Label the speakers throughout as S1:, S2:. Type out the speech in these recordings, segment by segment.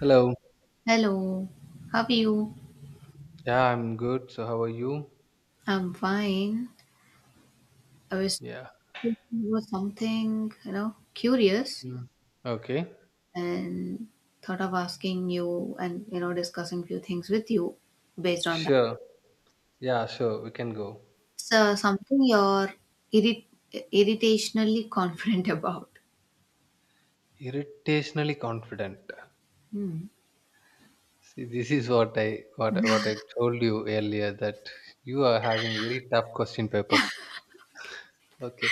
S1: Hello.
S2: Hello, how are you?
S1: Yeah, I'm good. So, how are you?
S2: I'm fine. I was
S1: Yeah.
S2: thinking about something, curious
S1: Mm. Okay.
S2: and thought of asking you and, discussing few things with you based on that.
S1: Sure. Yeah, sure. We can go.
S2: So something you're irrit- irritationally confident about.
S1: Irritationally confident.
S2: Hmm.
S1: See, this is what I told you earlier that you are having very tough question paper. Okay.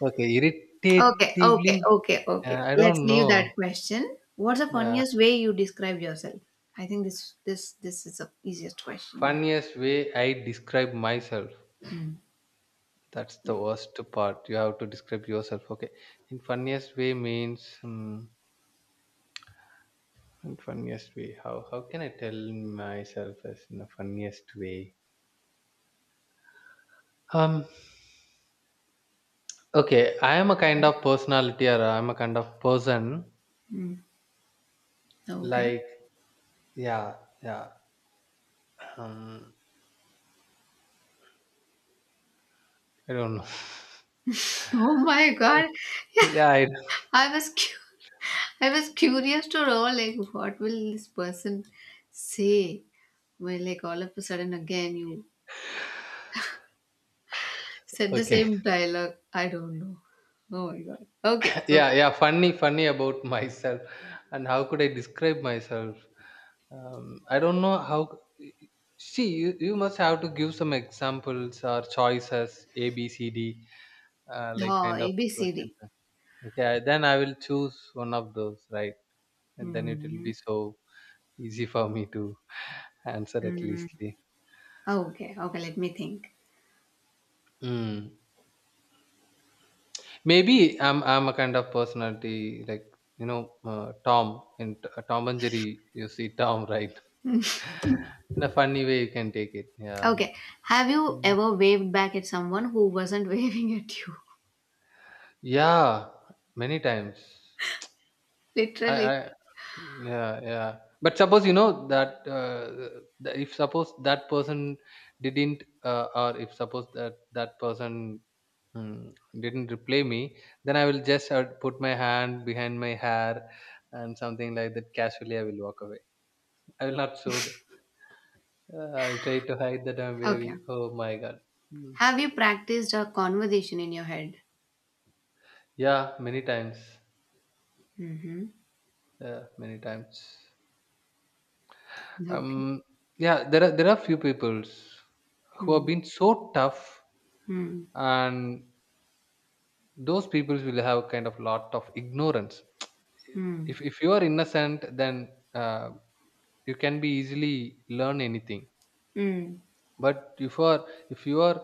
S1: Okay.
S2: Okay, okay,
S1: Irritatively.
S2: okay,
S1: Uh,
S2: okay.
S1: I
S2: Let's
S1: don't
S2: leave that
S1: know.
S2: question. What's the
S1: Yeah.
S2: funniest way you describe yourself? I think this is the easiest question you have.
S1: Funniest way I describe myself. That's the worst part. You have to describe yourself. Okay. In funniest way means. And funniest way. How can I tell myself as in the funniest way? Um okay, I am a kind of personality or I'm a kind of person
S2: Hmm. Okay.
S1: like yeah, yeah. Um I don't know.
S2: Oh my
S1: I
S2: god.
S1: don't- yeah, I,
S2: I was cu- I was curious to know like what will this person say when like all of a sudden again you said the
S1: okay.
S2: same dialogue. I don't know. Oh my god. Okay. Okay.
S1: Yeah, yeah, funny about myself and how could I describe myself? I don't know how, see, you must have to give some examples or choices A B C D, like
S2: Oh,
S1: kind of
S2: A B C
S1: question.
S2: D.
S1: Okay, then I will choose one of those, right? And then it will
S2: Hmm.
S1: be so easy for me to answer at least.
S2: Okay. Okay. Let me think.
S1: Mm. Maybe I'm a kind of personality like, you know, Tom in Tom and Jerry. You see Tom, right? In a funny way, you can take it. Yeah.
S2: Okay. Have you
S1: Mm.
S2: ever waved back at someone who wasn't waving at you?
S1: Yeah, many times. I
S2: Literally.
S1: yeah, yeah, but suppose you know that, if suppose that person didn't, or if suppose that person, mm, didn't reply me, then I will just, put my hand behind my hair and something like that, casually I will walk away. I will not show that, I will try to hide that I'm
S2: Okay.
S1: waving. Oh my god. Mm.
S2: Have you practiced a conversation in your head?
S1: Yeah, many times.
S2: Mm-hmm.
S1: Yeah, many times
S2: Okay.
S1: um yeah, there are few peoples who have
S2: Hmm.
S1: been so tough,
S2: Hmm.
S1: and those people will have kind of lot of ignorance. if
S2: Hmm.
S1: if you are innocent, then, you can be easily learn anything.
S2: Hmm.
S1: But if you are, if you are,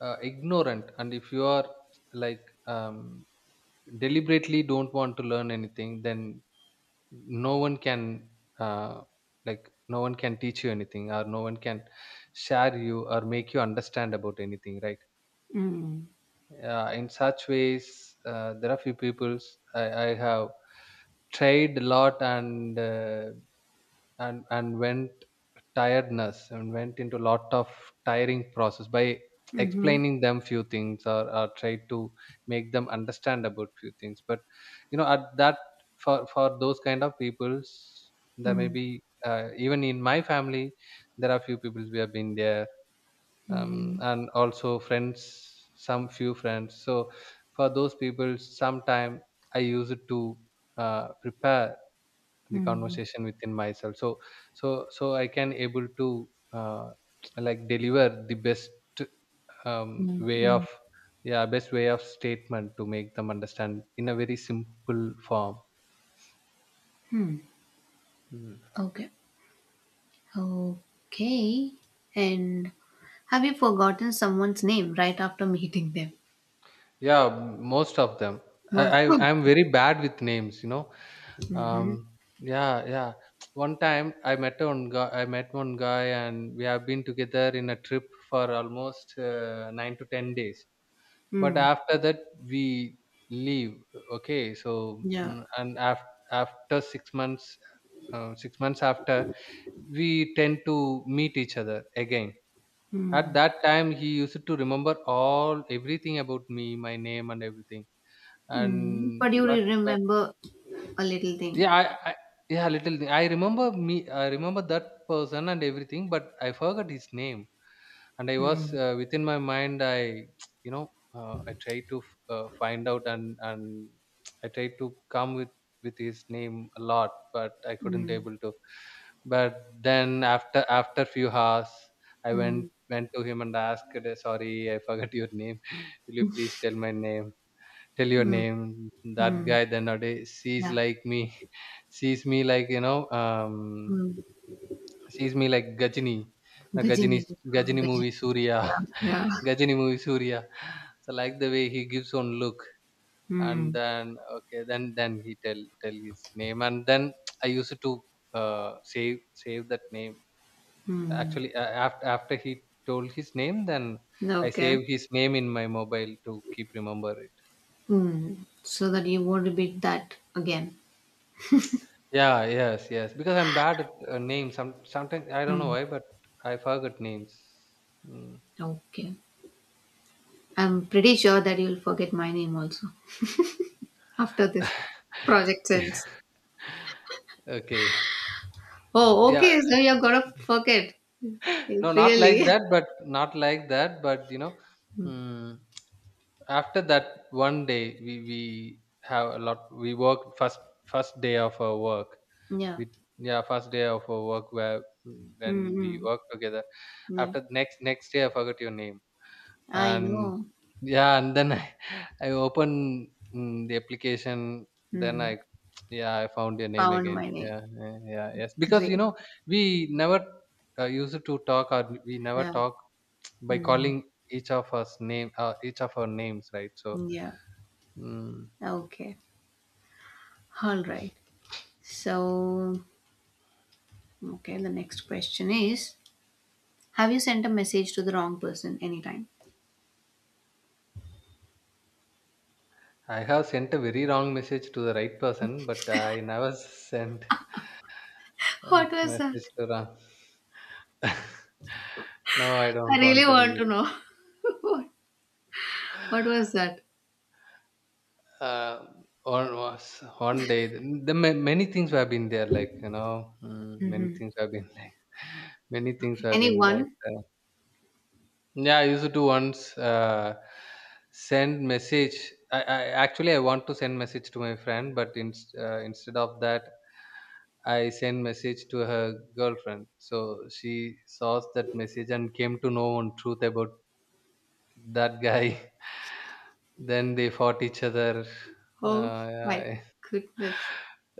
S1: ignorant, and if you are like, deliberately don't want to learn anything, then no one can, uh, like, no one can teach you anything, or no one can share you or make you understand about anything, right?
S2: Mm.
S1: Yeah, in such ways, there are few peoples I have tried a lot, and, and went tiredness, and went into lot of tiring process by
S2: Mhm.
S1: explaining them few things, or try to make them understand about few things. But you know, at that, for those kind of peoples, there may
S2: Mm.
S1: be, even in my family, there are few people we have been there,
S2: Mhm.
S1: and also friends, some few friends. So for those people sometime I use it to, prepare the
S2: Mm.
S1: conversation within myself. So I can able to, like, deliver the best,
S2: Mm.
S1: way of,
S2: Mm.
S1: yeah, best way of statement to make them understand in a very simple form.
S2: Hmm.
S1: Mm.
S2: Okay. Okay. And have you forgotten someone's name right after meeting them?
S1: Yeah, most of them.
S2: Most.
S1: I'm very bad with names, you know.
S2: Mm-hmm.
S1: Um, yeah, yeah. One time I met one guy. I met one guy, and we have been together in a trip for almost, nine to ten days. But
S2: Mm.
S1: after that, we leave. Okay, so,
S2: Yeah.
S1: and after six months after, we tend to meet each other again. At
S2: Mm.
S1: that time, he used to remember all everything about me, my name, and everything.
S2: Mm.
S1: And
S2: But you will
S1: but
S2: remember a little thing.
S1: Yeah, I yeah, little thing. I remember me. I remember that person and everything, but I forgot his name. And I was,
S2: Mm.
S1: within my mind. I, you know, I tried to find out, and I tried to come with his name a lot, but I couldn't
S2: Mm.
S1: able to. But then after few hours, I
S2: Mm.
S1: went to him and asked, "Sorry, I forgot your name. Will you please tell my name? Tell your
S2: Mm.
S1: name?" That
S2: Mm.
S1: guy then nowadays sees
S2: Yeah.
S1: like me sees me like, you know,
S2: Mm.
S1: sees me like Gajini, the
S2: Gajini.
S1: Gajini, Gajini
S2: Gajini.
S1: movie Surya.
S2: Yeah. Yeah.
S1: Gajini movie Surya. So like the way he gives one look, and
S2: Mm.
S1: then okay, then he tell his name, and then I used to, uh save save that name.
S2: Mm.
S1: Actually, after he told his name, then I
S2: Okay.
S1: save his name in my mobile to keep remember.
S2: Mm, so that you won't repeat that again.
S1: Yeah, yes, yes. Because I'm bad at, names. Sometimes I don't know
S2: Mm,
S1: why, but I forget names. Mm.
S2: okay. I'm pretty sure that you'll forget my name also after this project ends.
S1: Okay.
S2: Oh,
S1: Yeah.
S2: okay. So you're gonna forget.
S1: No,
S2: It's
S1: not
S2: really.
S1: like that, but not like that, but you know,
S2: Mm,
S1: mm, after that one day we have a lot. We worked first day of our work.
S2: yeah.
S1: We Yeah, first day of our work, where, when we
S2: Mm-mm.
S1: work together.
S2: Yeah.
S1: After next day, I forgot your name.
S2: I
S1: And
S2: know.
S1: yeah, and then I, I open, the application. Then
S2: Mm,
S1: I, yeah, I found your name
S2: found
S1: again.
S2: my name.
S1: Yeah, yeah, yeah, yes. Because you
S2: Great.
S1: know, we never, used to talk, or we never
S2: Yeah.
S1: talk by
S2: Mm,
S1: calling each of us name, each of our names, right? So
S2: yeah.
S1: mm,
S2: Okay. All right. So, okay. The next question is: have you sent a message to the wrong person anytime?
S1: I have sent a very wrong message to the right person, but I never sent a
S2: What was that?
S1: message to wrong. No, I
S2: I
S1: don't
S2: really
S1: want to
S2: want
S1: reveal.
S2: to know. What what was that?
S1: Uh, on was one day, the many things have been there, like, you know, many
S2: hmm
S1: things have been like, many things have been like.
S2: Anyone?
S1: Yeah, I used to once, send message. I actually I want to send message to my friend, but in, instead of that, I send message to her girlfriend. So she saw that message and came to know one truth about that guy. Then they fought each other.
S2: Oh
S1: Uh,
S2: my
S1: yeah.
S2: goodness.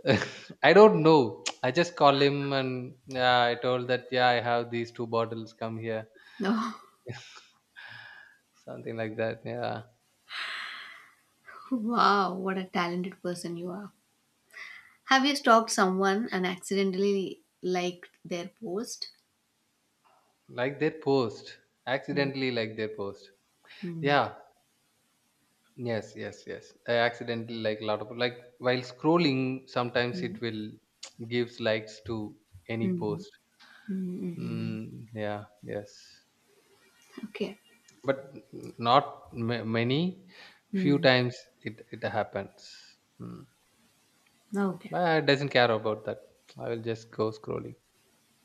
S1: I don't know. I just call him and yeah, I told that, yeah, I have these two bottles. Come here,
S2: No.
S1: something like that. Yeah,
S2: Wow, what a talented person you are. Have you stalked someone and accidentally liked their post?
S1: like their post. Accidentally, like their post.
S2: Mm-hmm.
S1: Yeah. Yes. Yes. Yes. I accidentally like a lot of like while scrolling. Sometimes it will gives likes to any
S2: Mm-hmm.
S1: post.
S2: Mm-hmm.
S1: Mm, yeah. Yes.
S2: Okay.
S1: But not many. Few
S2: Mm.
S1: times it happens. Hmm.
S2: Okay.
S1: I doesn't care about that. I will just go scrolling.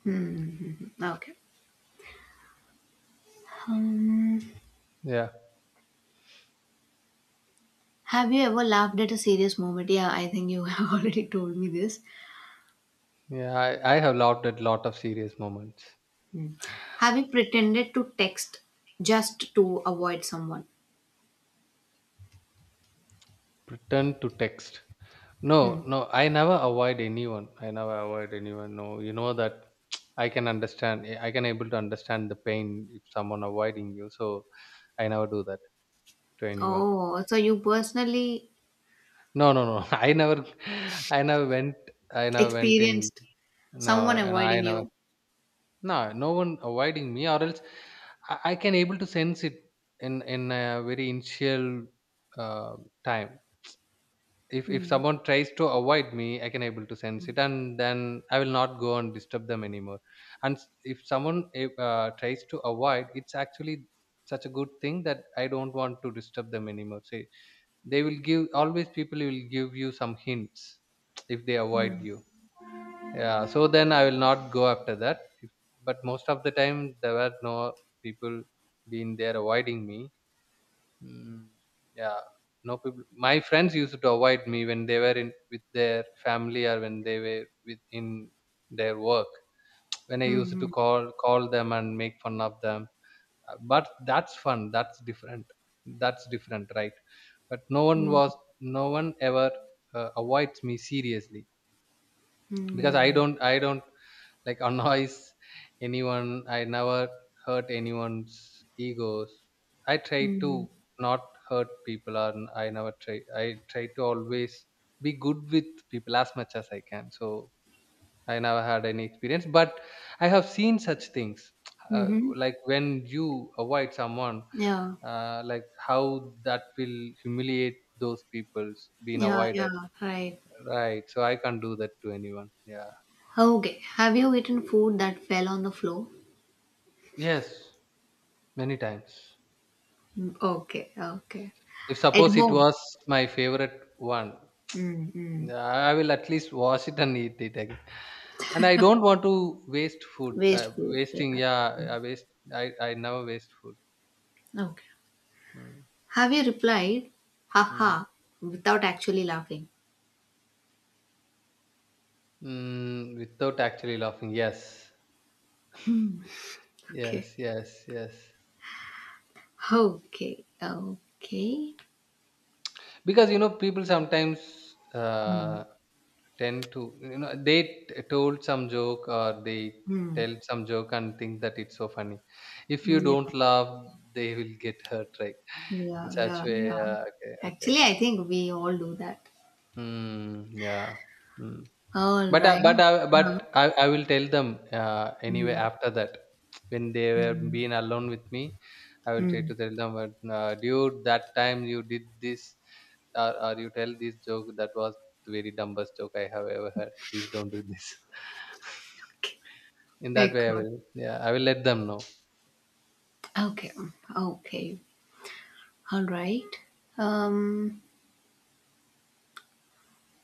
S2: Mm-hmm. Okay. Um,
S1: Yeah,
S2: have you ever laughed at a serious moment? Yeah, I think you have already told me this.
S1: yeah. I have laughed at lot of serious moments.
S2: Hmm. Have you pretended to text just to avoid someone.
S1: Pretend to text. No,
S2: Hmm.
S1: no. I never avoid anyone. I never avoid anyone. No, you know that. I can understand. I can able to understand the pain if someone avoiding you. So I never do that to anyone.
S2: Oh, so you personally
S1: No, no, no. I never. I never went. I never went in.
S2: experienced
S1: No,
S2: someone
S1: and I
S2: avoiding
S1: never.
S2: you.
S1: No, no one avoiding me, or else I can able to sense it in a very initial, uh, time. If
S2: Hmm.
S1: someone tries to avoid me, I can able to sense it, and then I will not go and disturb them anymore. And if someone, tries to avoid, it's actually such a good thing that I don't want to disturb them anymore. Say they will give, always people will give you some hints if they avoid
S2: Hmm.
S1: you. Yeah, so then I will not go after that. But most of the time there were no people being there avoiding me. mm, yeah, no people, my friends used to avoid me when they were in with their family, or when they were with in their work, when I used
S2: Hmm.
S1: to call them and make fun of them. But that's fun, that's different, that's different, right? But no one
S2: Hmm.
S1: was, no one ever, avoids me seriously. Because i
S2: Hmm.
S1: don't i don't like annoys anyone. I never hurt anyone's egos. I try
S2: Hmm.
S1: to not hurt people, or I never try. I try to always be good with people as much as I can. So I never had any experience, but I have seen such things, uh,
S2: Hmm.
S1: like when you avoid someone,
S2: Yeah.
S1: like how that will humiliate those people's being
S2: Yeah. Yeah.
S1: avoided.
S2: Right.
S1: Right. So I can't do that to anyone. Yeah.
S2: Okay. Have you eaten food that fell on the floor?
S1: Yes. Many times.
S2: Hmm. Okay. Okay.
S1: If
S2: At
S1: suppose it
S2: home.
S1: was my favorite one,
S2: Hmm. Hmm.
S1: I will at least wash it and eat it again. And I don't want to waste food.
S2: Waste food. Yeah.
S1: Wasting, yeah,
S2: Hmm.
S1: I waste. I never waste food.
S2: Okay.
S1: Mm.
S2: Have you replied,
S1: Mm.
S2: haha, without actually laughing?
S1: Mm, without actually laughing, yes,
S2: Hmm. Okay.
S1: yes, yes, yes.
S2: Okay, okay.
S1: Because you know, people sometimes,
S2: Hmm.
S1: tend to, you know, they told some joke, or they
S2: Hmm.
S1: tell some joke and think that it's so funny. If you
S2: Yeah.
S1: don't laugh, they will get hurt, right?
S2: Yeah,
S1: In such
S2: yeah,
S1: way,
S2: yeah.
S1: okay, okay,
S2: Actually, I think we all do that.
S1: mm, yeah, mm.
S2: All
S1: but I, but
S2: right.
S1: I,
S2: Yeah.
S1: but I, I will tell them anyway
S2: Hmm.
S1: after that when they were
S2: Hmm.
S1: being alone with me, I will try
S2: Hmm.
S1: to tell them, but, dude, that time you did this, or you tell this joke that was the very dumbest joke I have ever heard. Please don't do this.
S2: Okay.
S1: In that
S2: Very
S1: way I
S2: good.
S1: will. Yeah, I will let them know.
S2: Okay. Okay. All right. Um,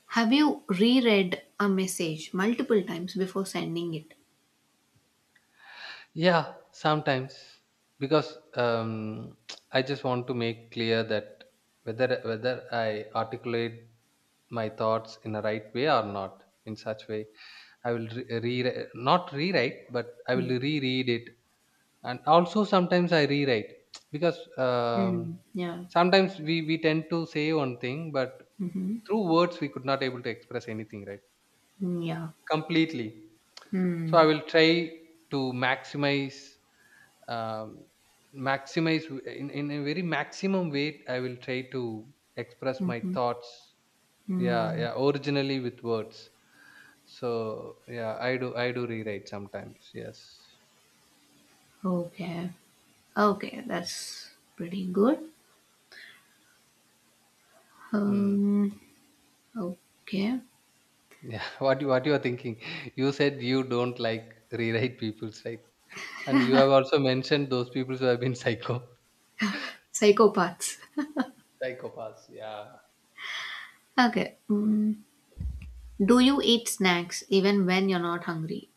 S2: have you reread a message multiple times before sending it?
S1: Yeah, sometimes. Because um, I just want to make clear that whether I articulate my thoughts in a right way or not. In such way I will, not rewrite, but I will
S2: Mm,
S1: reread it. And also sometimes I rewrite. Because um,
S2: mm, yeah.
S1: sometimes we tend to say one thing, but
S2: Mm-hmm.
S1: through words we could not able to express anything right.
S2: Yeah.
S1: Completely. So I
S2: Hmm.
S1: will try to maximize, um, maximize in a very maximum way. I will try to express my
S2: Mhm.
S1: thoughts. Yeah,
S2: Hmm.
S1: yeah. Originally with words. So yeah, I do rewrite sometimes. Yes.
S2: Okay. Okay, that's pretty good.
S1: Hmm.
S2: Um. Okay.
S1: Yeah. What you are thinking? You said you don't like rewrite people's right, and you have also mentioned those people who have been psycho.
S2: Psychopaths.
S1: Psychopaths. Yeah.
S2: Okay. Mm. Do you eat snacks even when you're not hungry?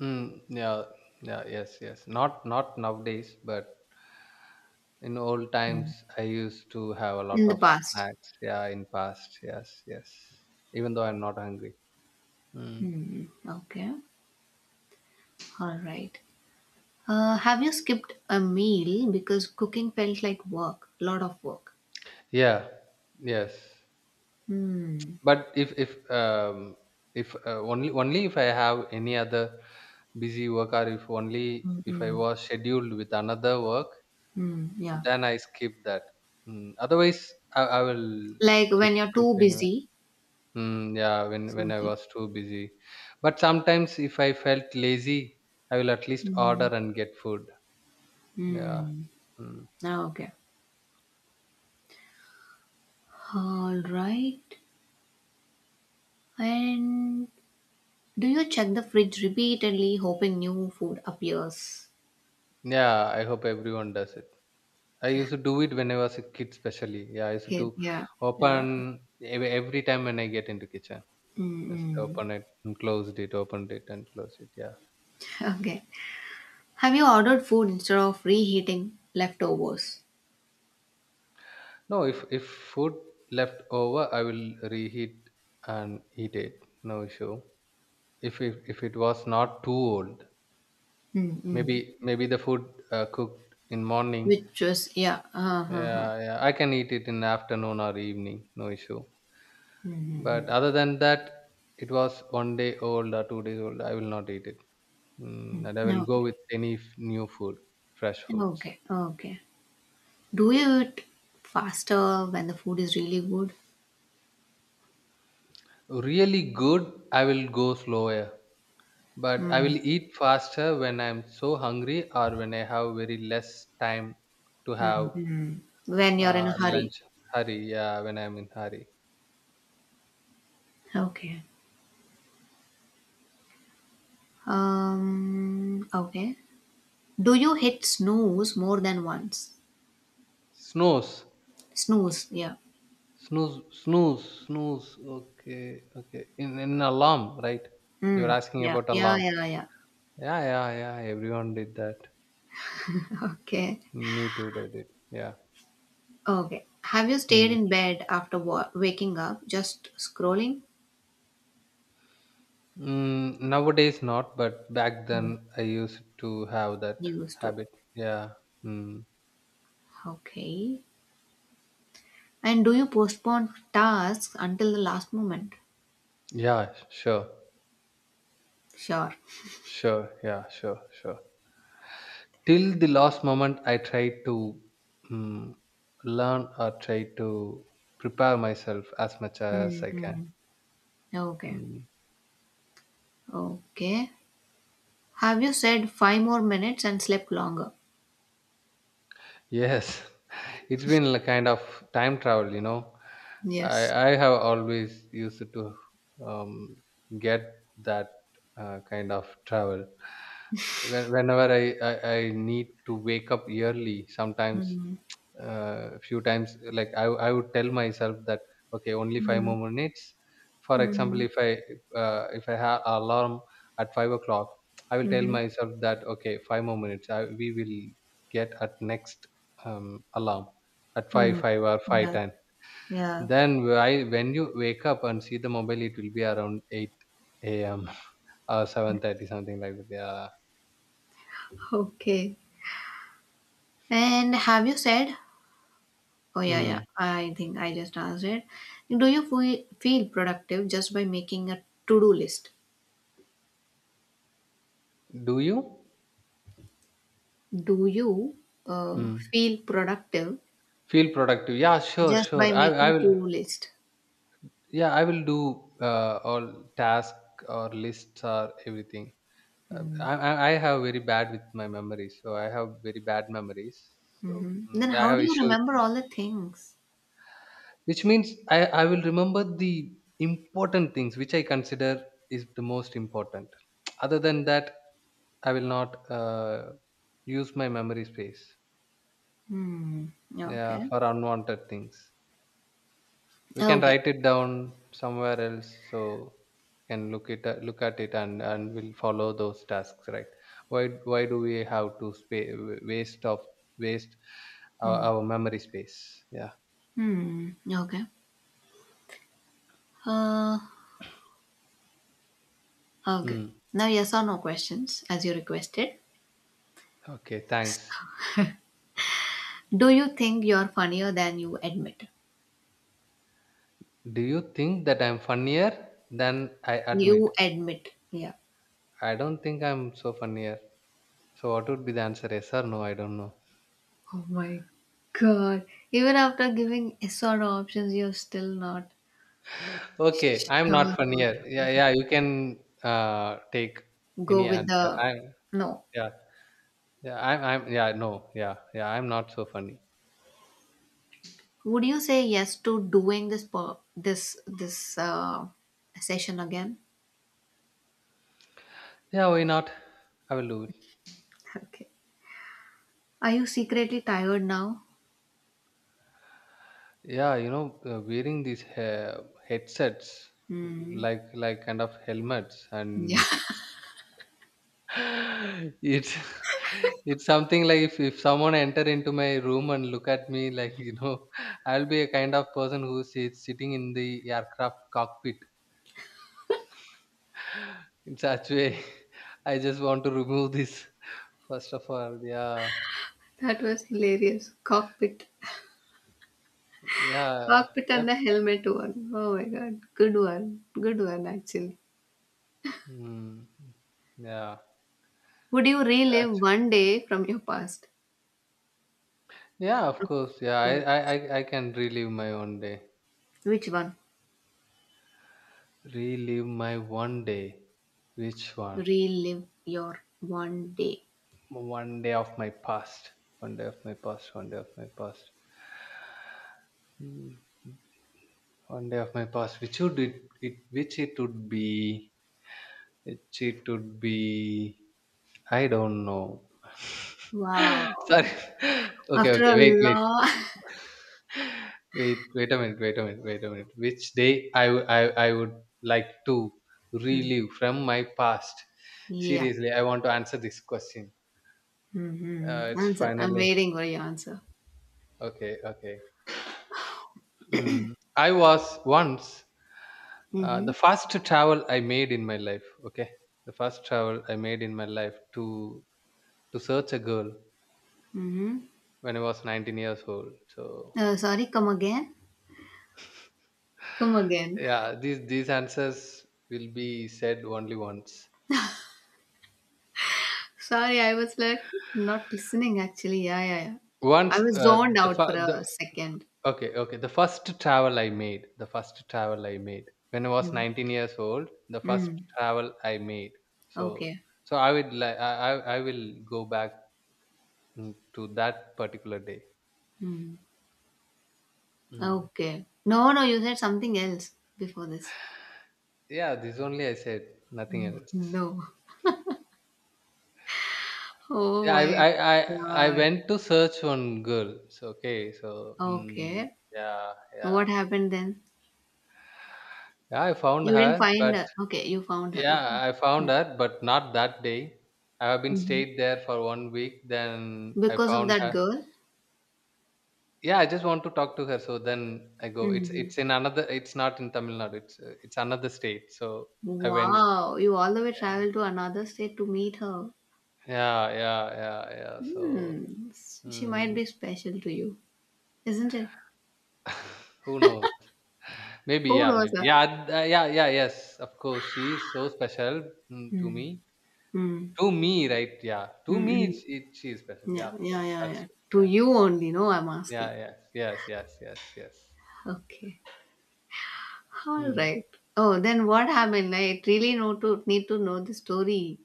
S1: Mm, yeah, yeah, yes, yes. Not nowadays, but in old
S2: Mm.
S1: times, I used to have a lot
S2: In the
S1: of
S2: past.
S1: snacks. Yeah, in past, yes, yes. Even though I'm not hungry. Mm.
S2: Hmm. Okay. All right. Have you skipped a meal because cooking felt like work, a lot of work?
S1: Yeah, yes.
S2: Hmm.
S1: But if only if I have any other busy work, or if only
S2: mm
S1: if I
S2: Hmm.
S1: was scheduled with another work,
S2: Mm. Yeah.
S1: then I skip that. Mm. Otherwise, I will
S2: Like
S1: cook
S2: when you're
S1: cook
S2: too
S1: anyway.
S2: busy,
S1: Mm, yeah, when I
S2: something.
S1: was too busy. But sometimes if I felt lazy, I will at least
S2: Hmm.
S1: order and get food. Yeah.
S2: Hmm.
S1: Mm.
S2: Ah, okay. All right. And do you check the fridge repeatedly, hoping new food appears?
S1: Yeah, I hope everyone does it. I used to do it when I was a kid, especially. Yeah, I used
S2: Okay.
S1: to
S2: Yeah. Yeah.
S1: open every time when I get into kitchen. I used to
S2: Mm-mm.
S1: open it and closed it, opened it and closed it. Yeah.
S2: Okay. Have you ordered food instead of reheating leftovers?
S1: No, if food left over, I will reheat and eat it. No issue. If it was not too old.
S2: Mm-mm.
S1: Maybe the food cooked in morning,
S2: Which was yeah. Uh-huh.
S1: yeah, yeah, I can eat it in afternoon or evening, no issue.
S2: Mm-hmm.
S1: But other than that, it was 1 day old or 2 days old. I will not eat it. Mm. And I will go
S2: Okay.
S1: with any new food, fresh foods.
S2: Okay. Okay. Do you eat faster when the food is really good?
S1: Really good, I will go slower, but I will eat faster when I'm so hungry or when I have very less time to have
S2: Mm-hmm. When you're in a hurry.
S1: lunch. Hurry, yeah, when I'm in hurry.
S2: Okay. Okay. Do you hit snooze more than once?
S1: Snows.
S2: Snooze, yeah.
S1: Snooze, snooze, snooze. Okay, okay. In alarm, right? You were
S2: Mm,
S1: asking
S2: yeah,
S1: about
S2: yeah,
S1: alarm.
S2: yeah, yeah.
S1: Yeah, yeah, yeah. Everyone did that.
S2: Okay,
S1: Me too did it. Yeah.
S2: okay. Have you stayed
S1: Hmm.
S2: in bed after waking up, just scrolling?
S1: Mm, nowadays not, but back then I used to have that
S2: You used to.
S1: habit. Yeah. Mm.
S2: Okay. And do you postpone tasks until the last moment?
S1: Yeah. Sure.
S2: Sure.
S1: Sure. Yeah. Sure. Sure. Till the last moment, I tried to mm, learn or try to prepare myself as much as I can.
S2: Mm-hmm. Okay,
S1: Hmm.
S2: okay. Have you said five more minutes and slept longer?
S1: Yes, it's been a kind of time travel. I
S2: Yes.
S1: I have always used to um, get that kind of travel. Whenever I need to wake up early, sometimes
S2: Mm-hmm.
S1: few times, like, I would tell myself that, okay, only five more minutes. For example, if I have alarm at 5 o'clock. I will tell
S2: Mm-hmm.
S1: myself that, okay, five more minutes. I, we will get at next alarm at five
S2: Hmm.
S1: five or five
S2: Yeah.
S1: ten.
S2: Yeah.
S1: Then why, when you wake up and see the mobile, it will be around 8 a.m. or 7:30, something like that. Yeah.
S2: Okay. And have you said? Oh yeah, yeah.
S1: Mm.
S2: I think I just asked it. Do you feel productive just by making a to-do list?
S1: Do you
S2: Do you uh,
S1: mm.
S2: feel productive
S1: feel productive? Yeah, sure,
S2: just by
S1: sure. I
S2: making
S1: will,
S2: to-do list?
S1: yeah, I will do all task or lists or everything.
S2: Hmm.
S1: I have very bad with my memories, so I have very bad memories. So
S2: Then
S1: I
S2: how
S1: have
S2: do you
S1: issue with
S2: remember
S1: that.
S2: all the things?
S1: Which means I will remember the important things which I consider is the most important. Other than that, I will not use my memory space,
S2: Hmm.
S1: yeah,
S2: Okay.
S1: for unwanted things. We can
S2: Okay.
S1: write it down somewhere else, so we can look at it, and we'll follow those tasks, right? Why do we have to waste of waste our,
S2: Hmm.
S1: our memory space? Yeah.
S2: Hmm. Okay. Uh, okay.
S1: Hmm.
S2: Now yes or no questions as you requested.
S1: Okay. Thanks.
S2: Do you think you're funnier than you admit?
S1: Do you think that I'm funnier than I
S2: You
S1: admit?
S2: admit, yeah.
S1: I don't think I'm so funnier. So what would be the answer, yes or no? I don't know.
S2: Oh my god. Even after giving sort of options, you're still not
S1: Okay, I'm not
S2: sure what
S1: funnier. Yeah,
S2: to
S1: yeah. You can take
S2: go
S1: any
S2: with
S1: answer.
S2: the
S1: I,
S2: no.
S1: yeah. Yeah, yeah, no, yeah, yeah, I'm not so funny.
S2: Would you say yes to doing this po- this session again?
S1: Yeah, why not? I will do it.
S2: Okay. Are you secretly tired now?
S1: Yeah, wearing these headsets,
S2: Hmm.
S1: like kind of helmets,
S2: Yeah.
S1: and it's, it's something like if someone enter into my room and look at me, like, I'll be a kind of person who sits sitting in the aircraft cockpit. In such way, I just want to remove this. First of all, yeah,
S2: That was hilarious. Cockpit.
S1: yeah,
S2: Cockpit
S1: yeah.
S2: and the helmet one. Oh my god. Good one. Good one actually.
S1: Mm. Yeah.
S2: Would you relive
S1: Actu-
S2: one day from your past?
S1: Yeah, of course. Yeah, I,
S2: Good.
S1: I, I I can relive my one day.
S2: Which one?
S1: Relive my one day. Which one?
S2: Relive your one day.
S1: One day of my past. One day of my past. One day of my past. Mm, one day of my past. Which would it, it which it would be? Which it would be, I don't know.
S2: Wow.
S1: Sorry. Okay,
S2: After
S1: okay,
S2: a
S1: wait, wait.
S2: long.
S1: Wait, wait a minute, wait a minute, wait a minute. Which day I would like to
S2: Hmm.
S1: relive from my past?
S2: Yeah.
S1: Seriously, I want to answer this question.
S2: Mm-hmm.
S1: It's
S2: Answer. I'm
S1: finally
S2: waiting for your answer.
S1: okay, okay. Mm. I was once
S2: Mm-hmm.
S1: the first travel I made in my life. Okay, the first travel I made in my life to search a girl
S2: Mm-hmm.
S1: when I was 19 years old. So
S2: Sorry, come again? Come again.
S1: yeah, these answers will be said only once.
S2: Sorry, I was like not listening actually. Yeah, yeah, yeah. I
S1: Once
S2: was zoned
S1: the,
S2: out for
S1: fa- the
S2: a second.
S1: Okay, okay. The first travel I made, the first travel I made when I was
S2: Mm.
S1: 19 years old, the first
S2: Mm.
S1: travel I made. So,
S2: Okay.
S1: I would like, I will go back to that particular day.
S2: Mm.
S1: Mm.
S2: Okay. No, no, you said something else before this.
S1: Yeah, this only I said, nothing else.
S2: No. Oh
S1: Yeah,
S2: my
S1: I I I
S2: God.
S1: went to search one girl. So okay,
S2: Okay.
S1: yeah, yeah,
S2: What happened then?
S1: yeah. I found
S2: You didn't
S1: her,
S2: find
S1: but
S2: her. Okay, you found her.
S1: yeah, I found
S2: Okay.
S1: her, but not that day. I have been
S2: Mm-hmm.
S1: stayed there for one week. Then I
S2: Because of
S1: found
S2: that
S1: her.
S2: girl?
S1: Yeah, I just want to talk to her. So then I go. It's
S2: hmm
S1: it's in another. It's not in Tamil Nadu. It's another state. So I went.
S2: Wow. You all the way traveled to another state to meet her.
S1: Yeah, yeah, yeah, yeah. So
S2: Hmm. She might
S1: mm,
S2: be special to you, isn't it?
S1: who knows?
S2: Who knows
S1: Maybe
S2: her?
S1: yeah, yeah, yeah. Yes, of course. She is so special to
S2: Hmm.
S1: me.
S2: Hmm.
S1: To me, right? Yeah, to
S2: mm
S1: me,
S2: Hmm.
S1: it she is special. Yeah,
S2: Yeah,
S1: of
S2: yeah,
S1: course.
S2: yeah,
S1: That's
S2: yeah.
S1: true.
S2: To
S1: Yeah,
S2: you only, no, I'm asking.
S1: yeah, yes, yes, yes, yes, yes.
S2: Okay.
S1: Hmm.
S2: Alright. Oh, then what happened? I really know to need to know the story.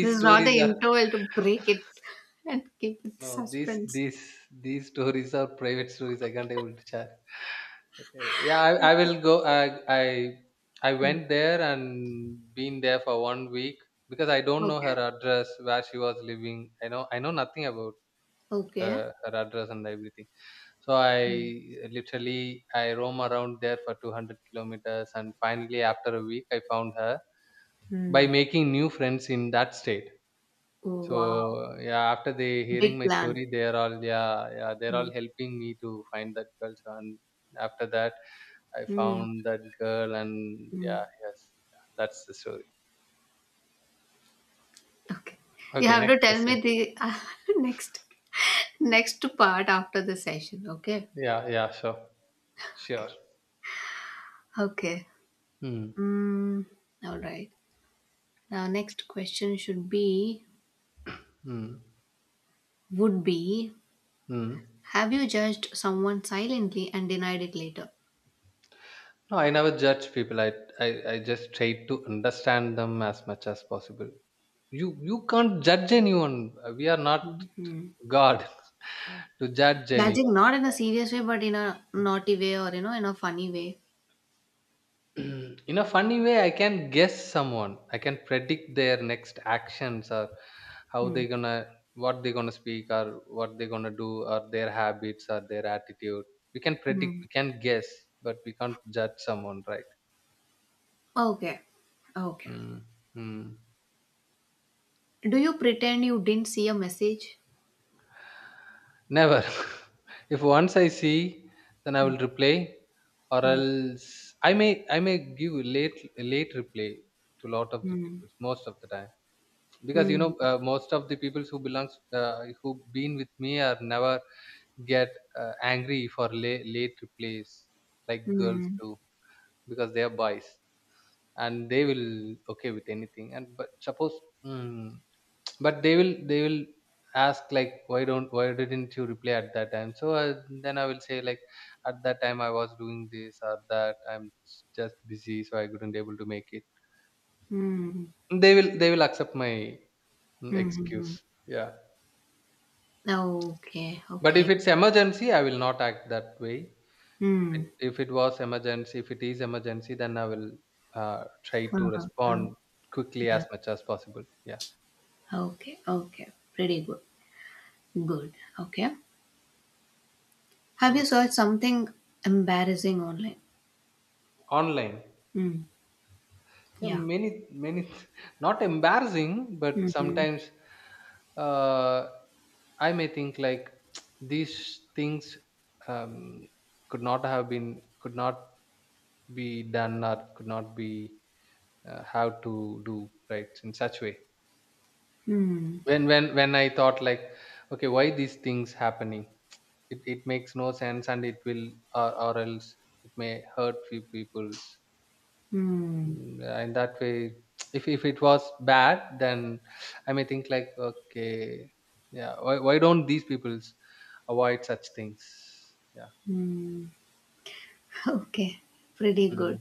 S2: This is not
S1: stories
S2: the
S1: are.
S2: interval to break it and keep it
S1: No, these
S2: suspense.
S1: these these stories are private stories. I can't able to share. Okay. Yeah, I will go. I I
S2: Hmm.
S1: went there and been there for one week because I don't know
S2: Okay.
S1: her address where she was living. I know nothing about
S2: Okay.
S1: her address and everything. So I
S2: Hmm.
S1: literally I roam around there for 200 kilometers, and finally after a week I found her by
S2: Hmm.
S1: making new friends in that state.
S2: Oh, wow.
S1: So, yeah, after they hearing
S2: Big
S1: my
S2: plan.
S1: story, they are all, yeah, yeah, they're
S2: Hmm.
S1: all helping me to find that girl. So, and after that, I
S2: Hmm.
S1: found that girl, and
S2: Hmm.
S1: yeah, yes, yeah, that's the story.
S2: Okay. You
S1: Okay,
S2: have to
S1: next
S2: tell me
S1: question.
S2: the next next part after the session. Okay.
S1: Yeah, yeah, sure, sure.
S2: Okay. Okay.
S1: Hmm.
S2: Mm, all right. Now, next question should be
S1: Hmm.
S2: would be:
S1: Hmm.
S2: have you judged someone silently and denied it later?
S1: No, I never judge people. I just try to understand them as much as possible. You can't judge anyone. We are not
S2: Hmm.
S1: God to judge
S2: Judging
S1: anyone.
S2: not in a serious way, but in a naughty way or in a funny way.
S1: In a funny way, I can guess someone, I can predict their next actions, or how
S2: Hmm.
S1: they gonna what they gonna speak, or what they gonna do, or their habits or their attitude. We can predict,
S2: Hmm.
S1: we can guess, but we can't judge someone, right?
S2: Okay. Okay.
S1: Mm. Mm.
S2: Do you pretend you didn't see a message?
S1: Never. If once I see, then I
S2: Hmm.
S1: will reply. Or
S2: Hmm.
S1: else I may give late late reply to lot of the
S2: Hmm.
S1: people most of the time. Because
S2: Hmm.
S1: most of the people who belongs who been with me, are never get angry for late late replies like girls
S2: Hmm.
S1: do. Because they are boys, and they will okay with anything. And but suppose mm, but they will ask, like, why didn't you reply at that time? So then I will say, like, at that time I was doing this or that, just busy, so I couldn't able to make it.
S2: Hmm. Hmm.
S1: They will accept my excuse.
S2: Hmm.
S1: Yeah.
S2: Hmm. Okay.
S1: But if
S2: Okay.
S1: it's emergency, I will not act that way. If
S2: Hmm.
S1: if it was emergency, if it is emergency, then I will try to
S2: Uh-huh.
S1: respond quickly
S2: Yeah.
S1: as much as possible. Yeah.
S2: Okay. Okay. Pretty good. Good. Okay. Have
S1: Mm.
S2: you searched something embarrassing online?
S1: Online.
S2: Hmm.
S1: Yeah,
S2: Yeah.
S1: many, many, not embarrassing, but
S2: Mhm.
S1: sometimes uh, I may think like, these things, um, could not have been, could not be done, or could not be, how to do, right, in such way.
S2: Mm.
S1: When I thought like, okay, why these things happening? It makes no sense, and it will, or else it may hurt few people.
S2: Mm.
S1: Mm, in that way. If it was bad, then I may think like, okay, yeah, why don't these peoples avoid such things? Yeah.
S2: Mm. Okay. Pretty good.
S1: Mm.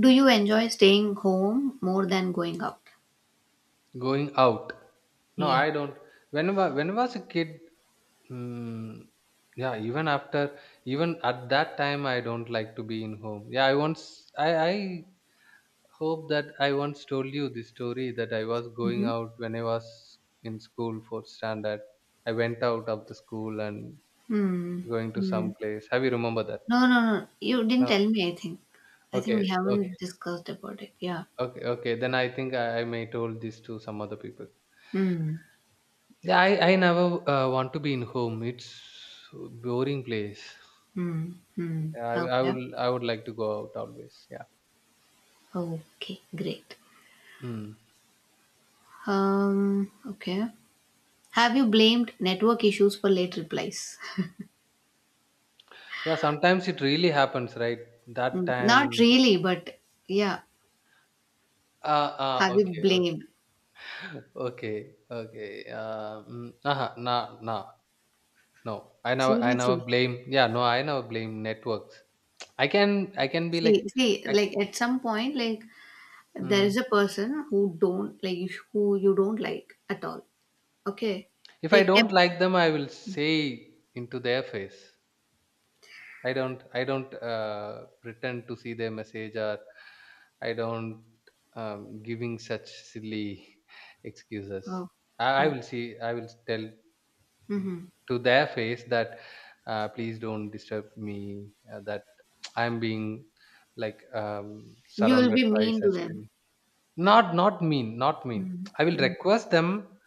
S2: Do you enjoy staying home more than going out?
S1: Going out? No,
S2: Yeah.
S1: I don't. Whenever when I was a kid. Mm, yeah, even after, even at that time, I don't like to be in home. Yeah, I once, I hope that I once told you the story that I was going
S2: Mm-hmm.
S1: out when I was in school for standard. I went out of the school and
S2: Mm.
S1: going to some
S2: Mm.
S1: place. Have you remember that?
S2: No, no, no. You didn't
S1: No.
S2: tell me, I think. I think we
S1: Okay. Okay.
S2: haven't discussed about it. Yeah.
S1: Okay. Okay. Then I think I may told this to some other people.
S2: Mm.
S1: Yeah, I never want to be in home. It's boring place.
S2: Mm. Mm.
S1: Yeah,
S2: Okay.
S1: I would like to go out always. Yeah.
S2: Okay. Great.
S1: Mm.
S2: Okay. Have you blamed network issues for late replies?
S1: Yeah, sometimes it really happens, right? That
S2: Mm. Not
S1: time.
S2: really, but yeah.
S1: Ah, ah,
S2: Have you
S1: okay, okay,
S2: blamed?
S1: okay, okay. Nah, nah, no. I never
S2: Seriously.
S1: blame. Yeah, no, I never blame networks. I can be like,
S2: See,
S1: I, c-
S2: like at some point, like there
S1: mm,
S2: is a person who don't like you, who you don't like at all. Okay,
S1: if
S2: they
S1: I
S2: kept.
S1: don't like them, I will say into their face. I don't pretend to see their message, or I don't, giving such silly excuses.
S2: Oh, oh.
S1: I will tell
S2: Mm-hmm.
S1: to their face that please don't disturb me, that I'm being like,
S2: You will
S1: surrounded
S2: be
S1: by
S2: mean to
S1: such.
S2: them.
S1: Not mean, not mean. I will
S2: Mm-hmm.
S1: request them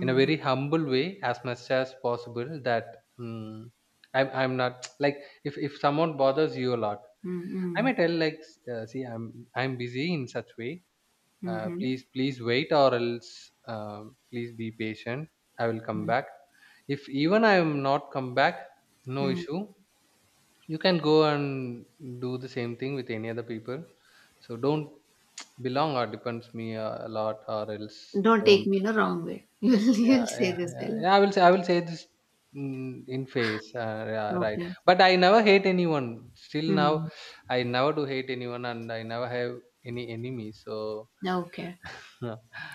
S1: in a
S2: Mm-hmm.
S1: very humble way as much as possible that um, I'm not like, if someone bothers you a lot, I
S2: Mm-hmm.
S1: may tell like, see, I'm busy, in such way,
S2: Mm-hmm.
S1: please please wait, or else, uh, please be patient. I will come back. If even I am not come back, no
S2: Mm-hmm.
S1: issue, you can go and do the same thing with any other people. So don't, belong or depends me a lot, or else
S2: Don't take
S1: don't.
S2: me in a wrong way. You'll
S1: Yeah,
S2: you'll say
S1: yeah,
S2: this
S1: yeah.
S2: fellow.
S1: Yeah, I will say this in face. Yeah, right.
S2: Okay.
S1: But I never hate anyone. Still now,
S2: Hmm.
S1: I never do hate anyone, and I never have any enemy. So,
S2: Okay.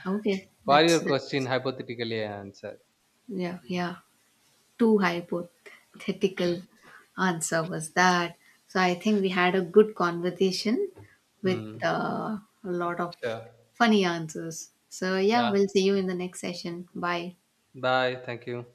S2: Okay.
S1: for
S2: That's
S1: your question,
S2: that's
S1: hypothetically, I answer.
S2: yeah, yeah, too hypothetical answer was that. So I think we had a good conversation with
S1: Hmm. Yeah,
S2: a lot of
S1: sure.
S2: funny answers. So yeah,
S1: Yeah.
S2: we'll see you in the next session. Bye.
S1: Bye. Thank you.